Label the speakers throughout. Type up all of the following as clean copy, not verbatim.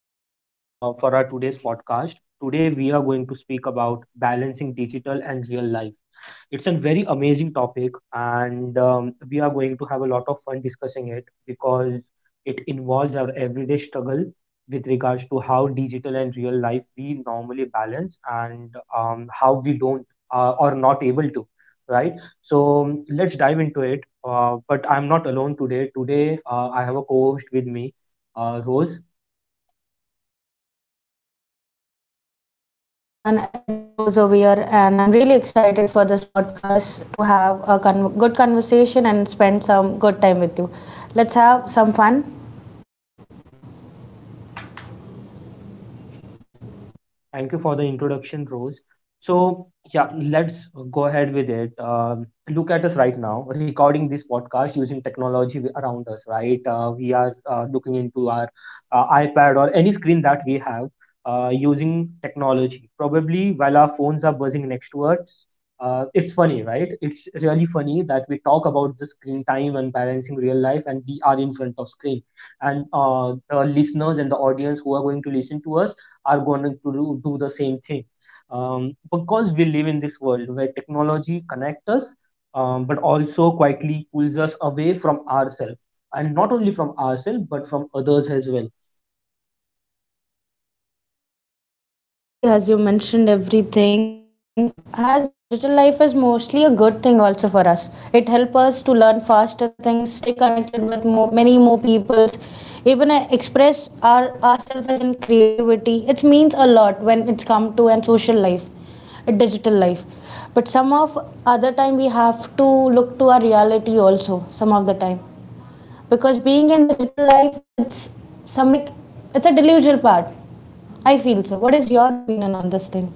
Speaker 1: Welcome for our today's podcast. Today, we are going to speak about balancing digital and real life. It's a very amazing topic, and we are going to have a lot of fun discussing it because it involves our everyday struggle with regards to how digital and real life we normally balance, and how we don't, or not able to, right? So, let's dive into it. But I'm not alone today. Today, I have a co host with me, Rose.
Speaker 2: Hi everyone, it's Rose over here, and I'm really excited for this podcast to have a good conversation and spend some good time with you. Let's have some fun.
Speaker 1: Thank you for the introduction, Rose. So, yeah, let's go ahead with it. Look at us right now, recording this podcast using technology around us, right? We are looking into our iPad or any screen that we have, using technology. Probably while our phones are buzzing next to us, it's funny, right? It's really funny that we talk about the screen time and balancing real life, and we are in front of screen. And the listeners and the audience who are going to listen to us are going to do the same thing, because we live in this world where technology connects us, but also quietly pulls us away from ourselves, and not only from ourselves but from others as well.
Speaker 2: Exactly, as you mentioned everything, as digital life is mostly a good thing also for us. It helps us to learn faster things, stay connected with many more peoples, even express ourselves as in creativity. It means a lot when it's come to an social life, a digital life. But some of other time we have to look to our reality also. Some of the time, because being in digital life, it's some like it's a delusional part. I feel so. What is your opinion on this thing?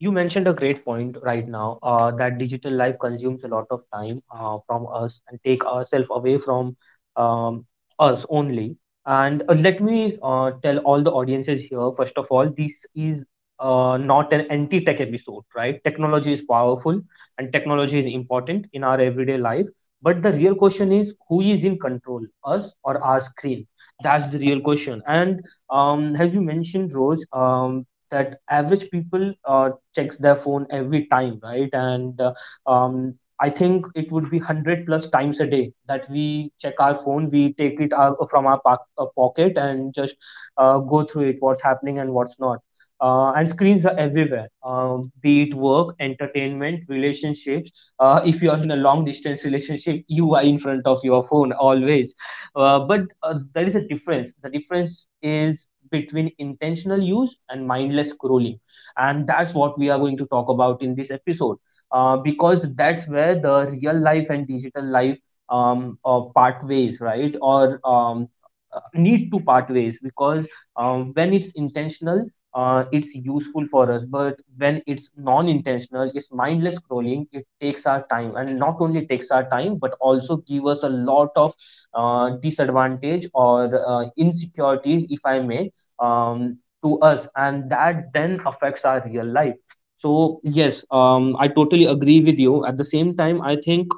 Speaker 1: You mentioned a great point right now, that digital life consumes a lot of time from us and take ourselves away from um, us only. And let me tell all the audiences here, first of all, this is not an anti-tech episode, right? Technology is powerful, and technology is important in our everyday life. But the real question is, who is in control, us or our screen? That's the real question. And as you mentioned, Rose, that average people checks their phone every time, right? And um, I think it would be 100 plus times a day that we check our phone. We take it out from our pocket and just go through it, what's happening and what's not. Uh, and screens are everywhere, be it work, entertainment, relationships. Uh, if you are in a long distance relationship, you are in front of your phone always. Uh, but uh, there is a difference. The difference is between intentional use and mindless scrolling, and that's what we are going to talk about in this episode, because that's where the real life and digital life part ways, right? Or need to part ways because when it's intentional, it's useful for us, but when it's non-intentional, it's mindless scrolling. It takes our time, and not only takes our time but also give us a lot of disadvantage or insecurities, if I may, um, to us, and that then affects our real life. So yes, I totally agree with you. At the same time, I think,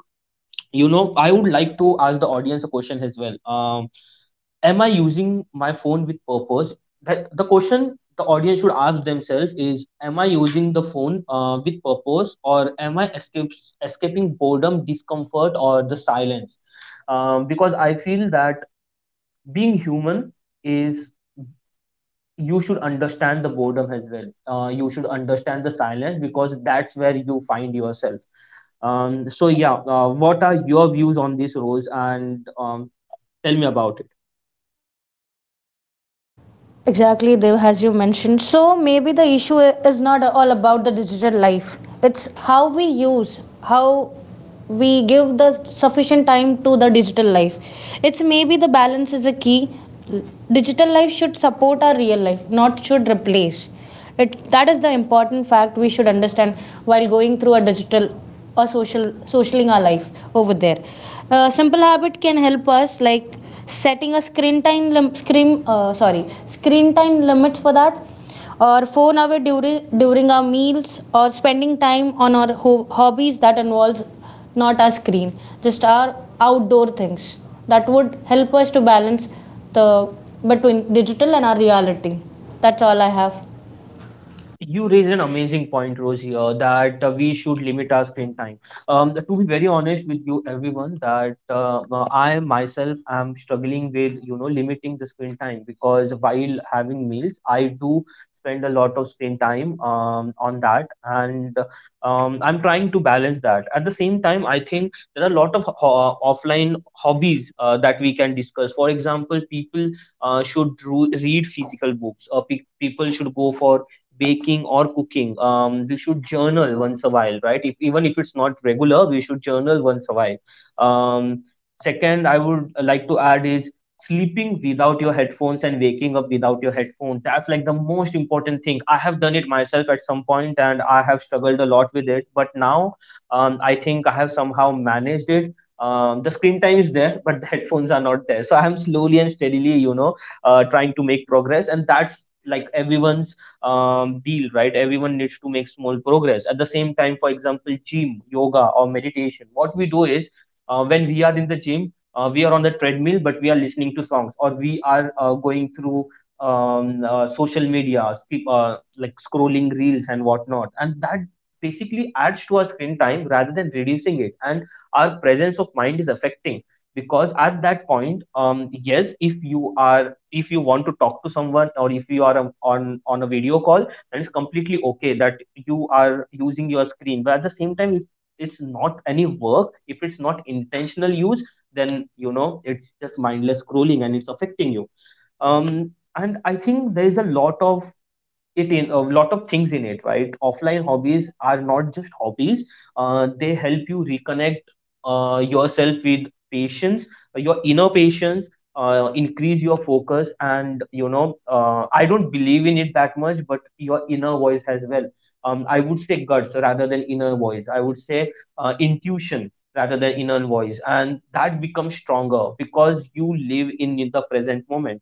Speaker 1: you know, I would like to ask the audience a question as well. Am I using my phone with purpose? That the question the audience should ask themselves is, am I using the phone, with purpose, or am I escape escaping boredom, discomfort, or the silence? Because I feel that being human is, you should understand the boredom as well. You should understand the silence because that's where you find yourself. So yeah, what are your views on these roles, and tell me about it?
Speaker 2: Exactly, Dev, as you mentioned. So maybe the issue is not all about the digital life. It's how we give the sufficient time to the digital life. It's maybe the balance is a key. Digital life should support our real life, not should replace. It that is the important fact we should understand while going through a digital or socialing our life over there. Simple habit can help us, like setting a screen time screen, sorry, screen time limit for that, or phone away during our meals, or spending time on our hobbies that involves not our screen, just our outdoor things. That would help us to balance the between digital and our reality. That's all I have.
Speaker 1: You raise an amazing point, Rose, here, that we should limit our screen time. To be very honest with you, everyone, that I myself am struggling with, you know, limiting the screen time, because while having meals, I do spend a lot of screen time on that, and I'm trying to balance that. At the same time, I think there are a lot of offline hobbies that we can discuss. For example, people should read physical books. People should go for baking or cooking. We should journal once a while, right? If even if it's not regular, we should journal once a while. um, Second I would like to add is sleeping without your headphones and waking up without your headphones. That's like the most important thing. I have done it myself at some point, and I have struggled a lot with it, but now, I think I have somehow managed it. The screen time is there, but the headphones are not there. So I am slowly and steadily, you know, trying to make progress, and that's like everyone's deal, right? Everyone needs to make small progress. At the same time, for example, gym, yoga, or meditation, what we do is, when we are in the gym, we are on the treadmill, but we are listening to songs, or we are going through social media like scrolling reels and whatnot, and that basically adds to our screen time rather than reducing it, and our presence of mind is affecting, because at that point, yes, if you are, if you want to talk to someone, or if you are on a video call, then it's completely okay that you are using your screen. But at the same time, if it's not any work, if it's not intentional use, then, you know, it's just mindless scrolling, and it's affecting you. um and I think there is a lot of it in a lot of things in it, right? Offline hobbies are not just hobbies. They help you reconnect, yourself with patience, your inner patience, increase your focus, and, you know, I don't believe in it that much, but your inner voice as well. I would say guts rather than inner voice, I would say intuition rather than inner voice, and that becomes stronger because you live in the present moment.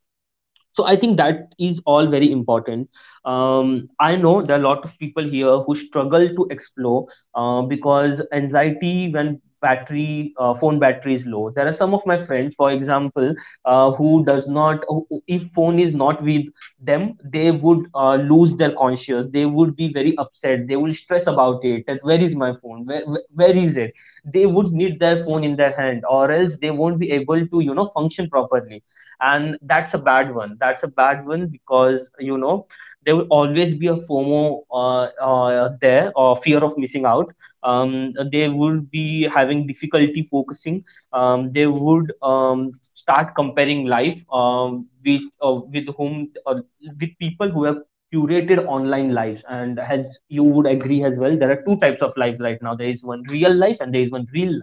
Speaker 1: So I think that is all very important. um, I know there are a lot of people here who struggle to explore, because anxiety, when battery, phone battery is low. There are some of my friends, for example, who does not who- who- if phone is not with them, they would lose their conscience. They would be very upset. They will stress about it, that where is my phone, where is it? They would need their phone in their hand, or else they won't be able to, you know, function properly. And that's a bad one. That's a bad one, because, you know, there will always be a fomo, there, or fear of missing out. They would be having difficulty focusing. They would start comparing life, with whom, with people who have curated online lives. And as you would agree as well, there are two types of life right now. There is one real life and there is one real.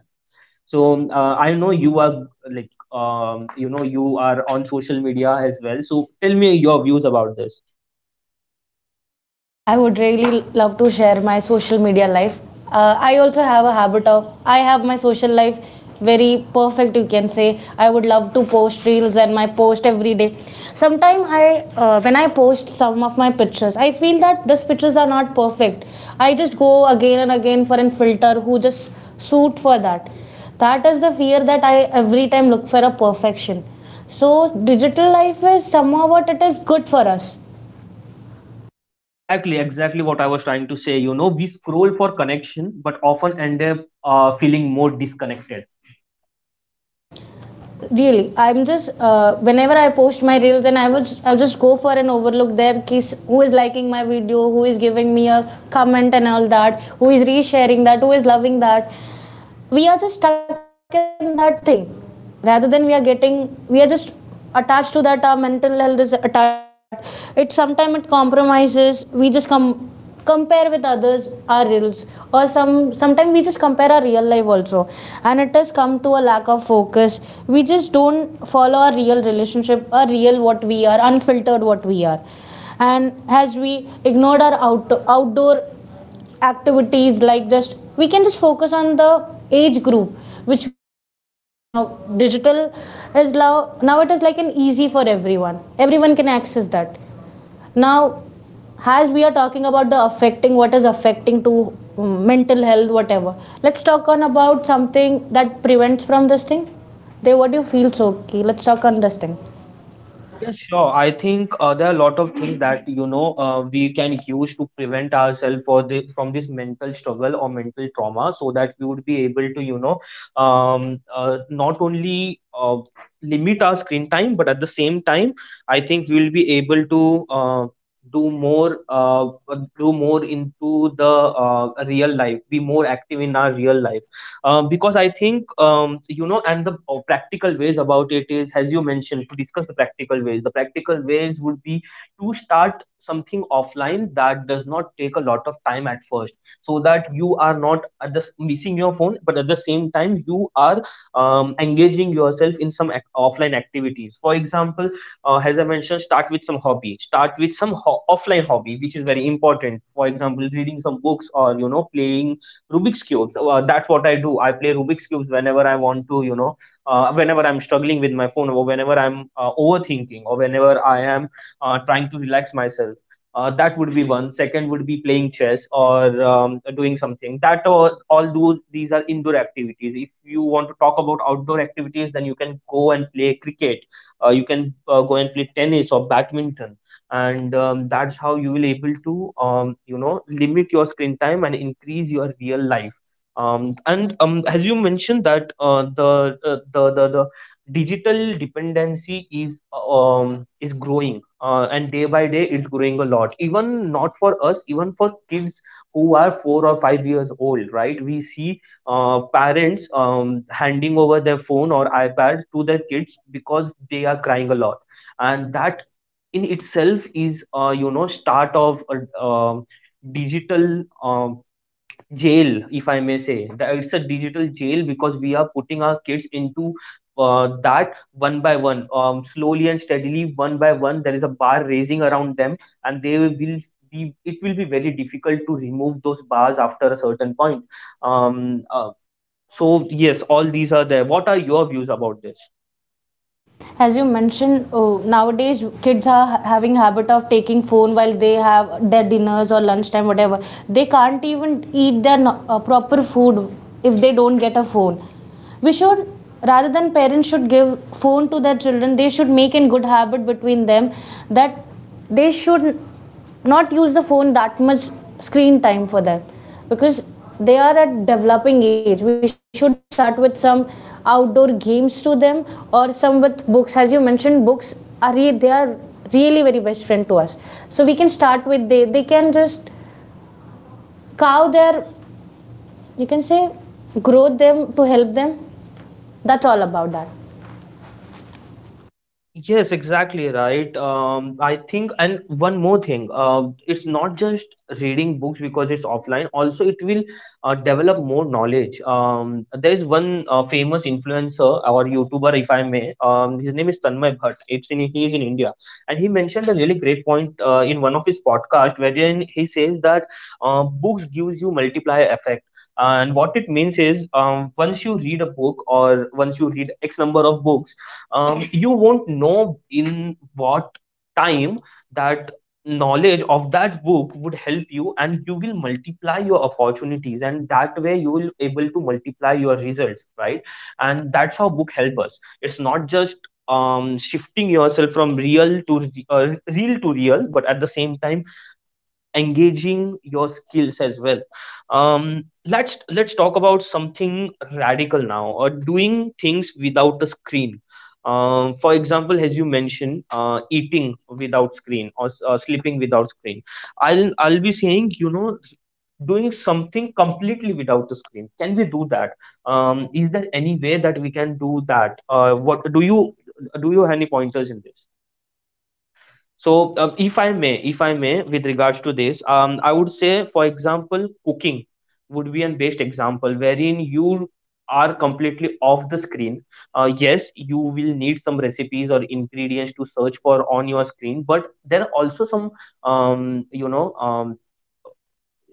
Speaker 1: So I know you are like, you know, you are on social media as well, so tell me your views about this.
Speaker 2: I would really love to share my social media life. I also have a habit of I have my social life very perfect, you can say. I would love to post reels and my post every day. Sometimes I when I post some of my pictures, I feel that these pictures are not perfect. I just go again and again for an filter who just suit for that. That is the fear that I every time look for a perfection. So digital life is somehow what it is good for us.
Speaker 1: Exactly, exactly what I was trying to say. You know, we scroll for connection, but often end up, feeling more disconnected.
Speaker 2: Really, I'm just whenever I post my reels, and I'll just go for an overlook there, kiss who is liking my video, who is giving me a comment and all that, who is resharing that, who is loving that. We are just stuck in that thing, rather than we are just attached to that. Our mental health is attached to that. It Sometimes it compromises. We just compare with others our reels, or sometimes we just compare our real life also. And it has come to a lack of focus. We just don't follow our real relationship, our real what we are, unfiltered what we are. And as we ignored our outdoor activities, like just we can just focus on the age group which we are facing right now. Digital is now it is like an easy for everyone. Everyone can access that now. As we are talking about the affecting, what is affecting to mental health, whatever, let's talk on about something that prevents from this thing. They, what do you feel? So okay, let's talk on this thing.
Speaker 1: Yeah, sure. I think there are a lot of things that, you know, we can use to prevent ourselves for the from this mental struggle or mental trauma, so that we would be able to, you know, not only limit our screen time, but at the same time, I think we will be able to do more uh, do more into the real life, be more active in our real life, because I think, you know, and the practical ways about it is, as you mentioned, to discuss the practical ways. The practical ways would be to start something offline that does not take a lot of time at first, so that you are not at missing your phone, but at the same time you are engaging yourself in some offline activities. For example, as I mentioned, start with some hobby. Start with some offline hobby, which is very important. For example, reading some books, or, you know, playing Rubik's cubes. That's what I do. I play Rubik's cubes whenever I want to, you know, whenever I'm struggling with my phone, or whenever I'm overthinking, or whenever I am trying to relax myself. That would be one. Second would be playing chess, or doing something. That all those these are indoor activities. If you want to talk about outdoor activities, then you can go and play cricket. You can go and play tennis or badminton, and that's how you will able to limit your screen time and increase your real life. And as you mentioned that the digital dependency is is growing, and day by day it's growing a lot, even not for us, even for kids who are 4 or 5 years old, right? We see parents handing over their phone or ipad to their kids because they are crying a lot, and that in itself is start of a um digital um jail, if I may say that. It's a digital jail because we are putting our kids into that one by one. Slowly and steadily, one by one, there is a bar raising around them, and they will be it will be very difficult to remove those bars after a certain point um, uh, so, yes, all these are there. What are your views about this?
Speaker 2: As you mentioned, oh, nowadays kids are having habit of taking phone while they have their dinners or lunchtime, whatever. They can't even eat their proper food if they don't get a phone. We should, rather than parents should give phone to their children, they should make in good habit between them, that they should not use the phone that much, screen time for them, because they are at developing age. We should start with some outdoor games to them, or some with books. As you mentioned, books are they are really very best friend to us. So we can start with, they can just cow their, you can say, grow them to help them. That's all about that.
Speaker 1: Yes, exactly right. I think, and one more thing, it's not just reading books because it's offline. Also, it will develop more knowledge. There is one famous influencer or YouTuber, if I may. His name is Tanmay Bhatt. It's in He is in India, and he mentioned a really great point in one of his podcast, wherein he says that books gives you multiplier effect. And what it means is, once you read a book or once you read X number of books, you won't know in what time that knowledge of that book would help you, and you will multiply your opportunities, and that way you will able to multiply your results, right? And that's how book help us. It's not just shifting yourself from real to real, but at the same time engaging your skills as well. Let's talk about something radical now, or doing things without a screen. For example, as you mentioned, eating without screen, or sleeping without screen. I'll be saying, doing something completely without the screen. Can we do that? Is there any way that we can do that? What do you Do you have any pointers in this? So, if I may, with regards to this, I would say, for example, cooking would be an best example wherein you are completely off the screen. Yes, you will need some recipes or ingredients to search for on your screen, but there are also some, um, you know, um,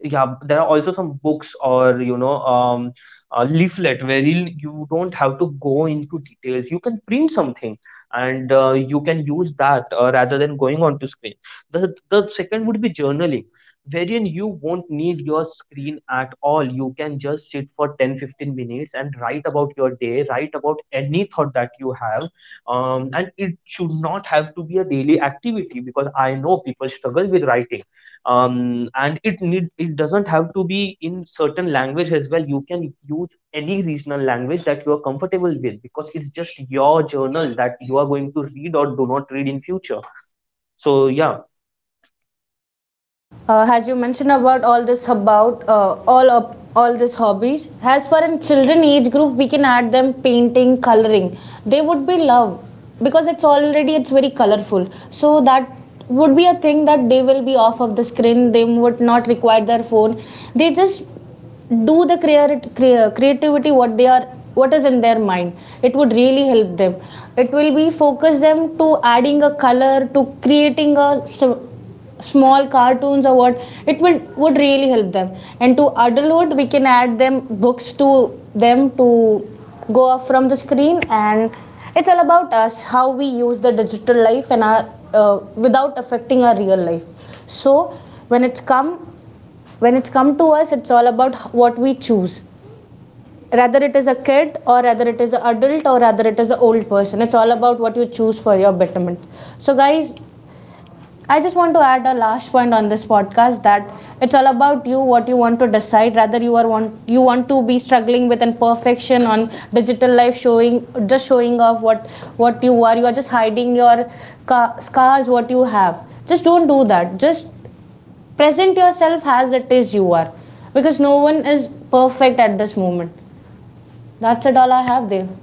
Speaker 1: yeah, there are also some books or a leaflet wherein you don't have to go into details. You can print something, and you can use that rather than going onto screen. The second would be journaling, wherein you won't need your screen at all. You can just sit for 10 to 15 minutes and write about your day, write about any thought that you have. And it should not have to be a daily activity because I know people struggle with writing. And it doesn't have to be in certain language as well. You can use any regional language that you are comfortable with, because it's just your journal that you are going to read or do not read in future. So, yeah.
Speaker 2: As you mentioned about all this, about all these hobbies, as for in children age group, we can add them painting, coloring. They would be love, because it's already it's very colorful. So that would be a thing that they will be off of the screen. They would not require their phone. They just do the creativity what they are, what is in their mind. It would really help them. It will be focus them to adding a color, to creating a small cartoons or what. It will would really help them. And to adulthood we can add them books, to them, to go off from the screen. And it's all about us, how we use the digital life and our, without affecting our real life. So when it's come when it's come to us, it's all about what we choose, rather it is a kid, or rather it is an adult, or rather it is an old person. It's all about what you choose for your betterment. So guys, I just want to add a last point on this podcast, that it's all about you what you want to decide, rather you want to be struggling with imperfection on digital life, showing just showing off. What you are, you are just hiding your scars what you have. Just don't do that. Just present yourself as it is you are, because no one is perfect at this moment. That's it, all I have, Dev.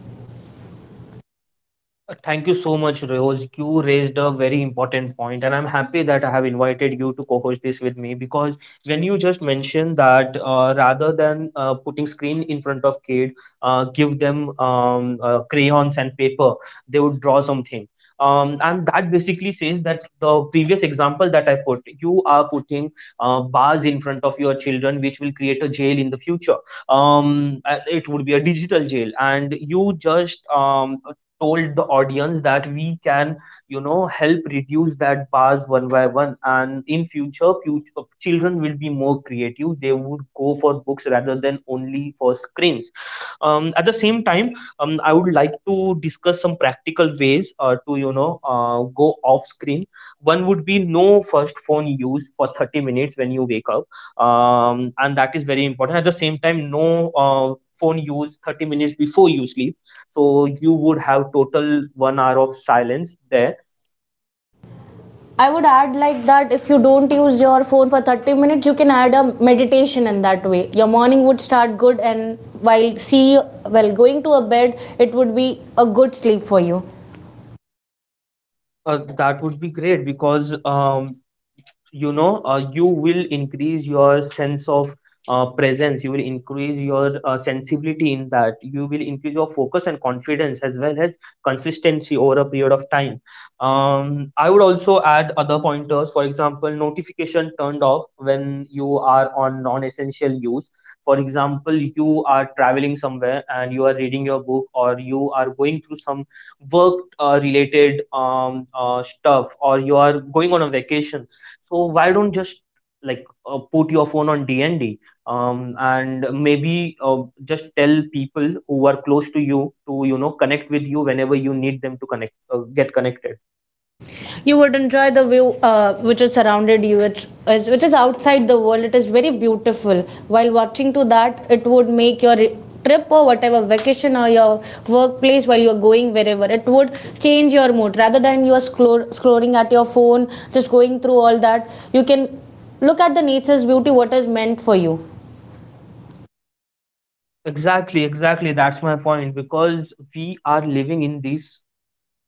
Speaker 1: Thank you so much, Rose. You raised a very important point, and I'm happy that I have invited you to co-host this with me, because when you just mentioned that, rather than putting screen in front of kid, give them crayons and paper, they would draw something. And that basically says that the previous example that I put, you are putting bars in front of your children, which will create a jail in the future. It would be a digital jail, and you just told the audience that we can help reduce that bars one by one, and in future children will be more creative. They would go for books rather than only for screens. At the same time, I would like to discuss some practical ways to go off screen. One would be no first phone use for 30 minutes when you wake up. And that is very important. At the same time, no phone use 30 minutes before you sleep, so you would have total 1 hour of silence there.
Speaker 2: I would add like that, if you don't use your phone for 30 minutes, you can add a meditation. In that way, your morning would start good, and while going to a bed, it would be a good sleep for you.
Speaker 1: That would be great because you will increase your sense of presence. You will increase your sensibility in that. You will increase your focus and confidence as well as consistency over a period of time. I would also add other pointers. For example, notification turned off when you are on non-essential use. For example, you are traveling somewhere and you are reading your book, or you are going through some work related stuff, or you are going on a vacation. So why don't just like put your phone on DND. And maybe just tell people who are close to you to connect with you whenever you need them to connect get connected.
Speaker 2: You would enjoy the view, which is surrounded you, which is outside the world. It is very beautiful. While watching to that, it would make your trip or whatever vacation, or your workplace, while you're going wherever, it would change your mood, rather than you're scrolling at your phone, just going through all that. You can look at the nature's beauty, what is meant for you.
Speaker 1: Exactly, exactly. That's my point because we are living in these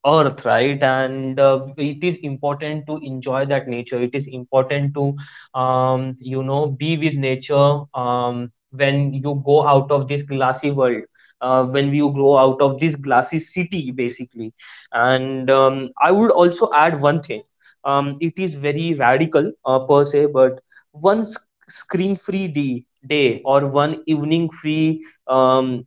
Speaker 1: earth, right? And it is important to enjoy that nature. It is important to be with nature, when you go out of this glassy world, when you go out of this glassy city basically. And I would also add one thing. It is very radical per se, but one screen free day, day, or one evening free,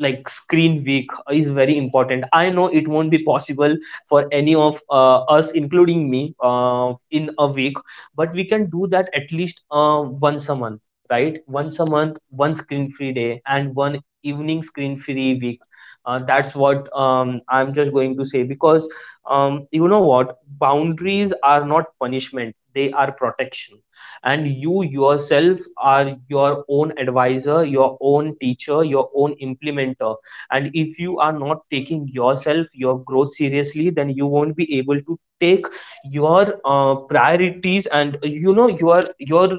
Speaker 1: like screen week is very important. I know it won't be possible for any of us, including me, in a week, but we can do that at least once a month. Right? Once a month, one screen free day, and one evening screen free week. That's what I'm just going to say, because you know what, boundaries are not punishment, they are protection. And you yourself are your own advisor, your own teacher, your own implementer. And if you are not taking yourself, your growth seriously, then you won't be able to take your priorities, and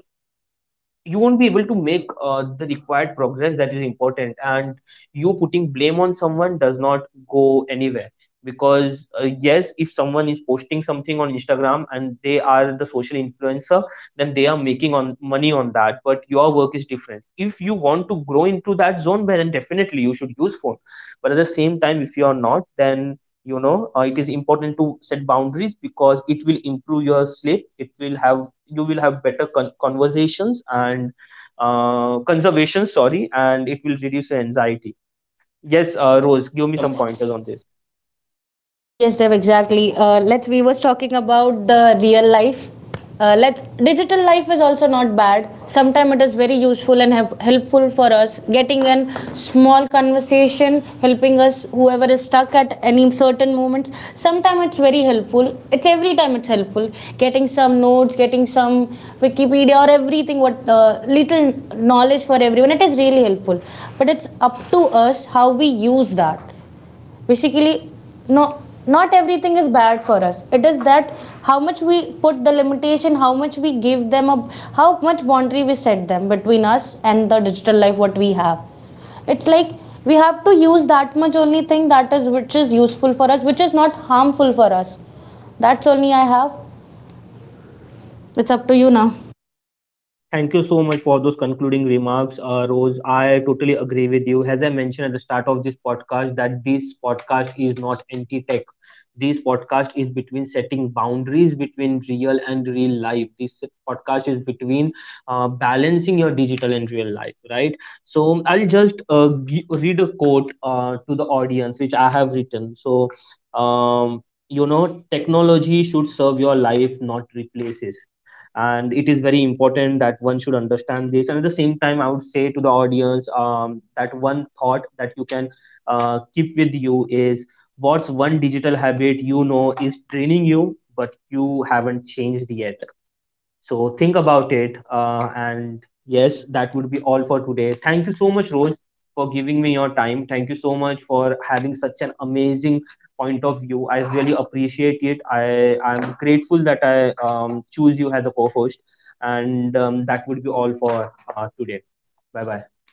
Speaker 1: you won't be able to make the required progress that is important. And you putting blame on someone does not go anywhere. Because yes, if someone is posting something on Instagram and they are the social influencer, then they are making on money on that. But your work is different. If you want to grow into that zone, well, then definitely you should use phone. But at the same time, if you are not, then it is important to set boundaries, because it will improve your sleep. It will have You will have better conversations, and conservation, sorry, and it will reduce your anxiety. Yes. Rose, give me some pointers on this.
Speaker 2: Yes, Dev, exactly. Let's We was talking about the real life. Let's Digital life is also not bad. Sometimes it is very useful and have helpful for us. Getting a small conversation, helping us whoever is stuck at any certain moments. Sometimes it's very helpful. It's every time it's helpful. Getting some notes, getting some Wikipedia or everything. What little knowledge for everyone. It is really helpful. But it's up to us how we use that, basically. No, not everything is bad for us. It is that how much we put the limitation, how much we give them up, how much boundary we set them between us and the digital life what we have. It's like we have to use that much only thing that is which is useful for us, which is not harmful for us. That's only I have. It's up to you now.
Speaker 1: Thank you so much for those concluding remarks, Rose. I totally agree with you. As I mentioned at the start of this podcast, that this podcast is not anti-tech. This podcast is between setting boundaries between real and real life. This podcast is between balancing your digital and real life, right? So I'll just read a quote to the audience, which I have written. So, um, technology should serve your life, not replaces, and it is very important that one should understand this. And at the same time, I would say to the audience, that one thought that you can keep with you is: what's one digital habit you know is draining you but you haven't changed yet? So think about it. And yes, that would be all for today. Thank you so much, Rose, for giving me your time. Thank you so much for having such an amazing point of view. I really appreciate it. I'm grateful that I choose you as a co-host. And that would be all for today. Bye bye.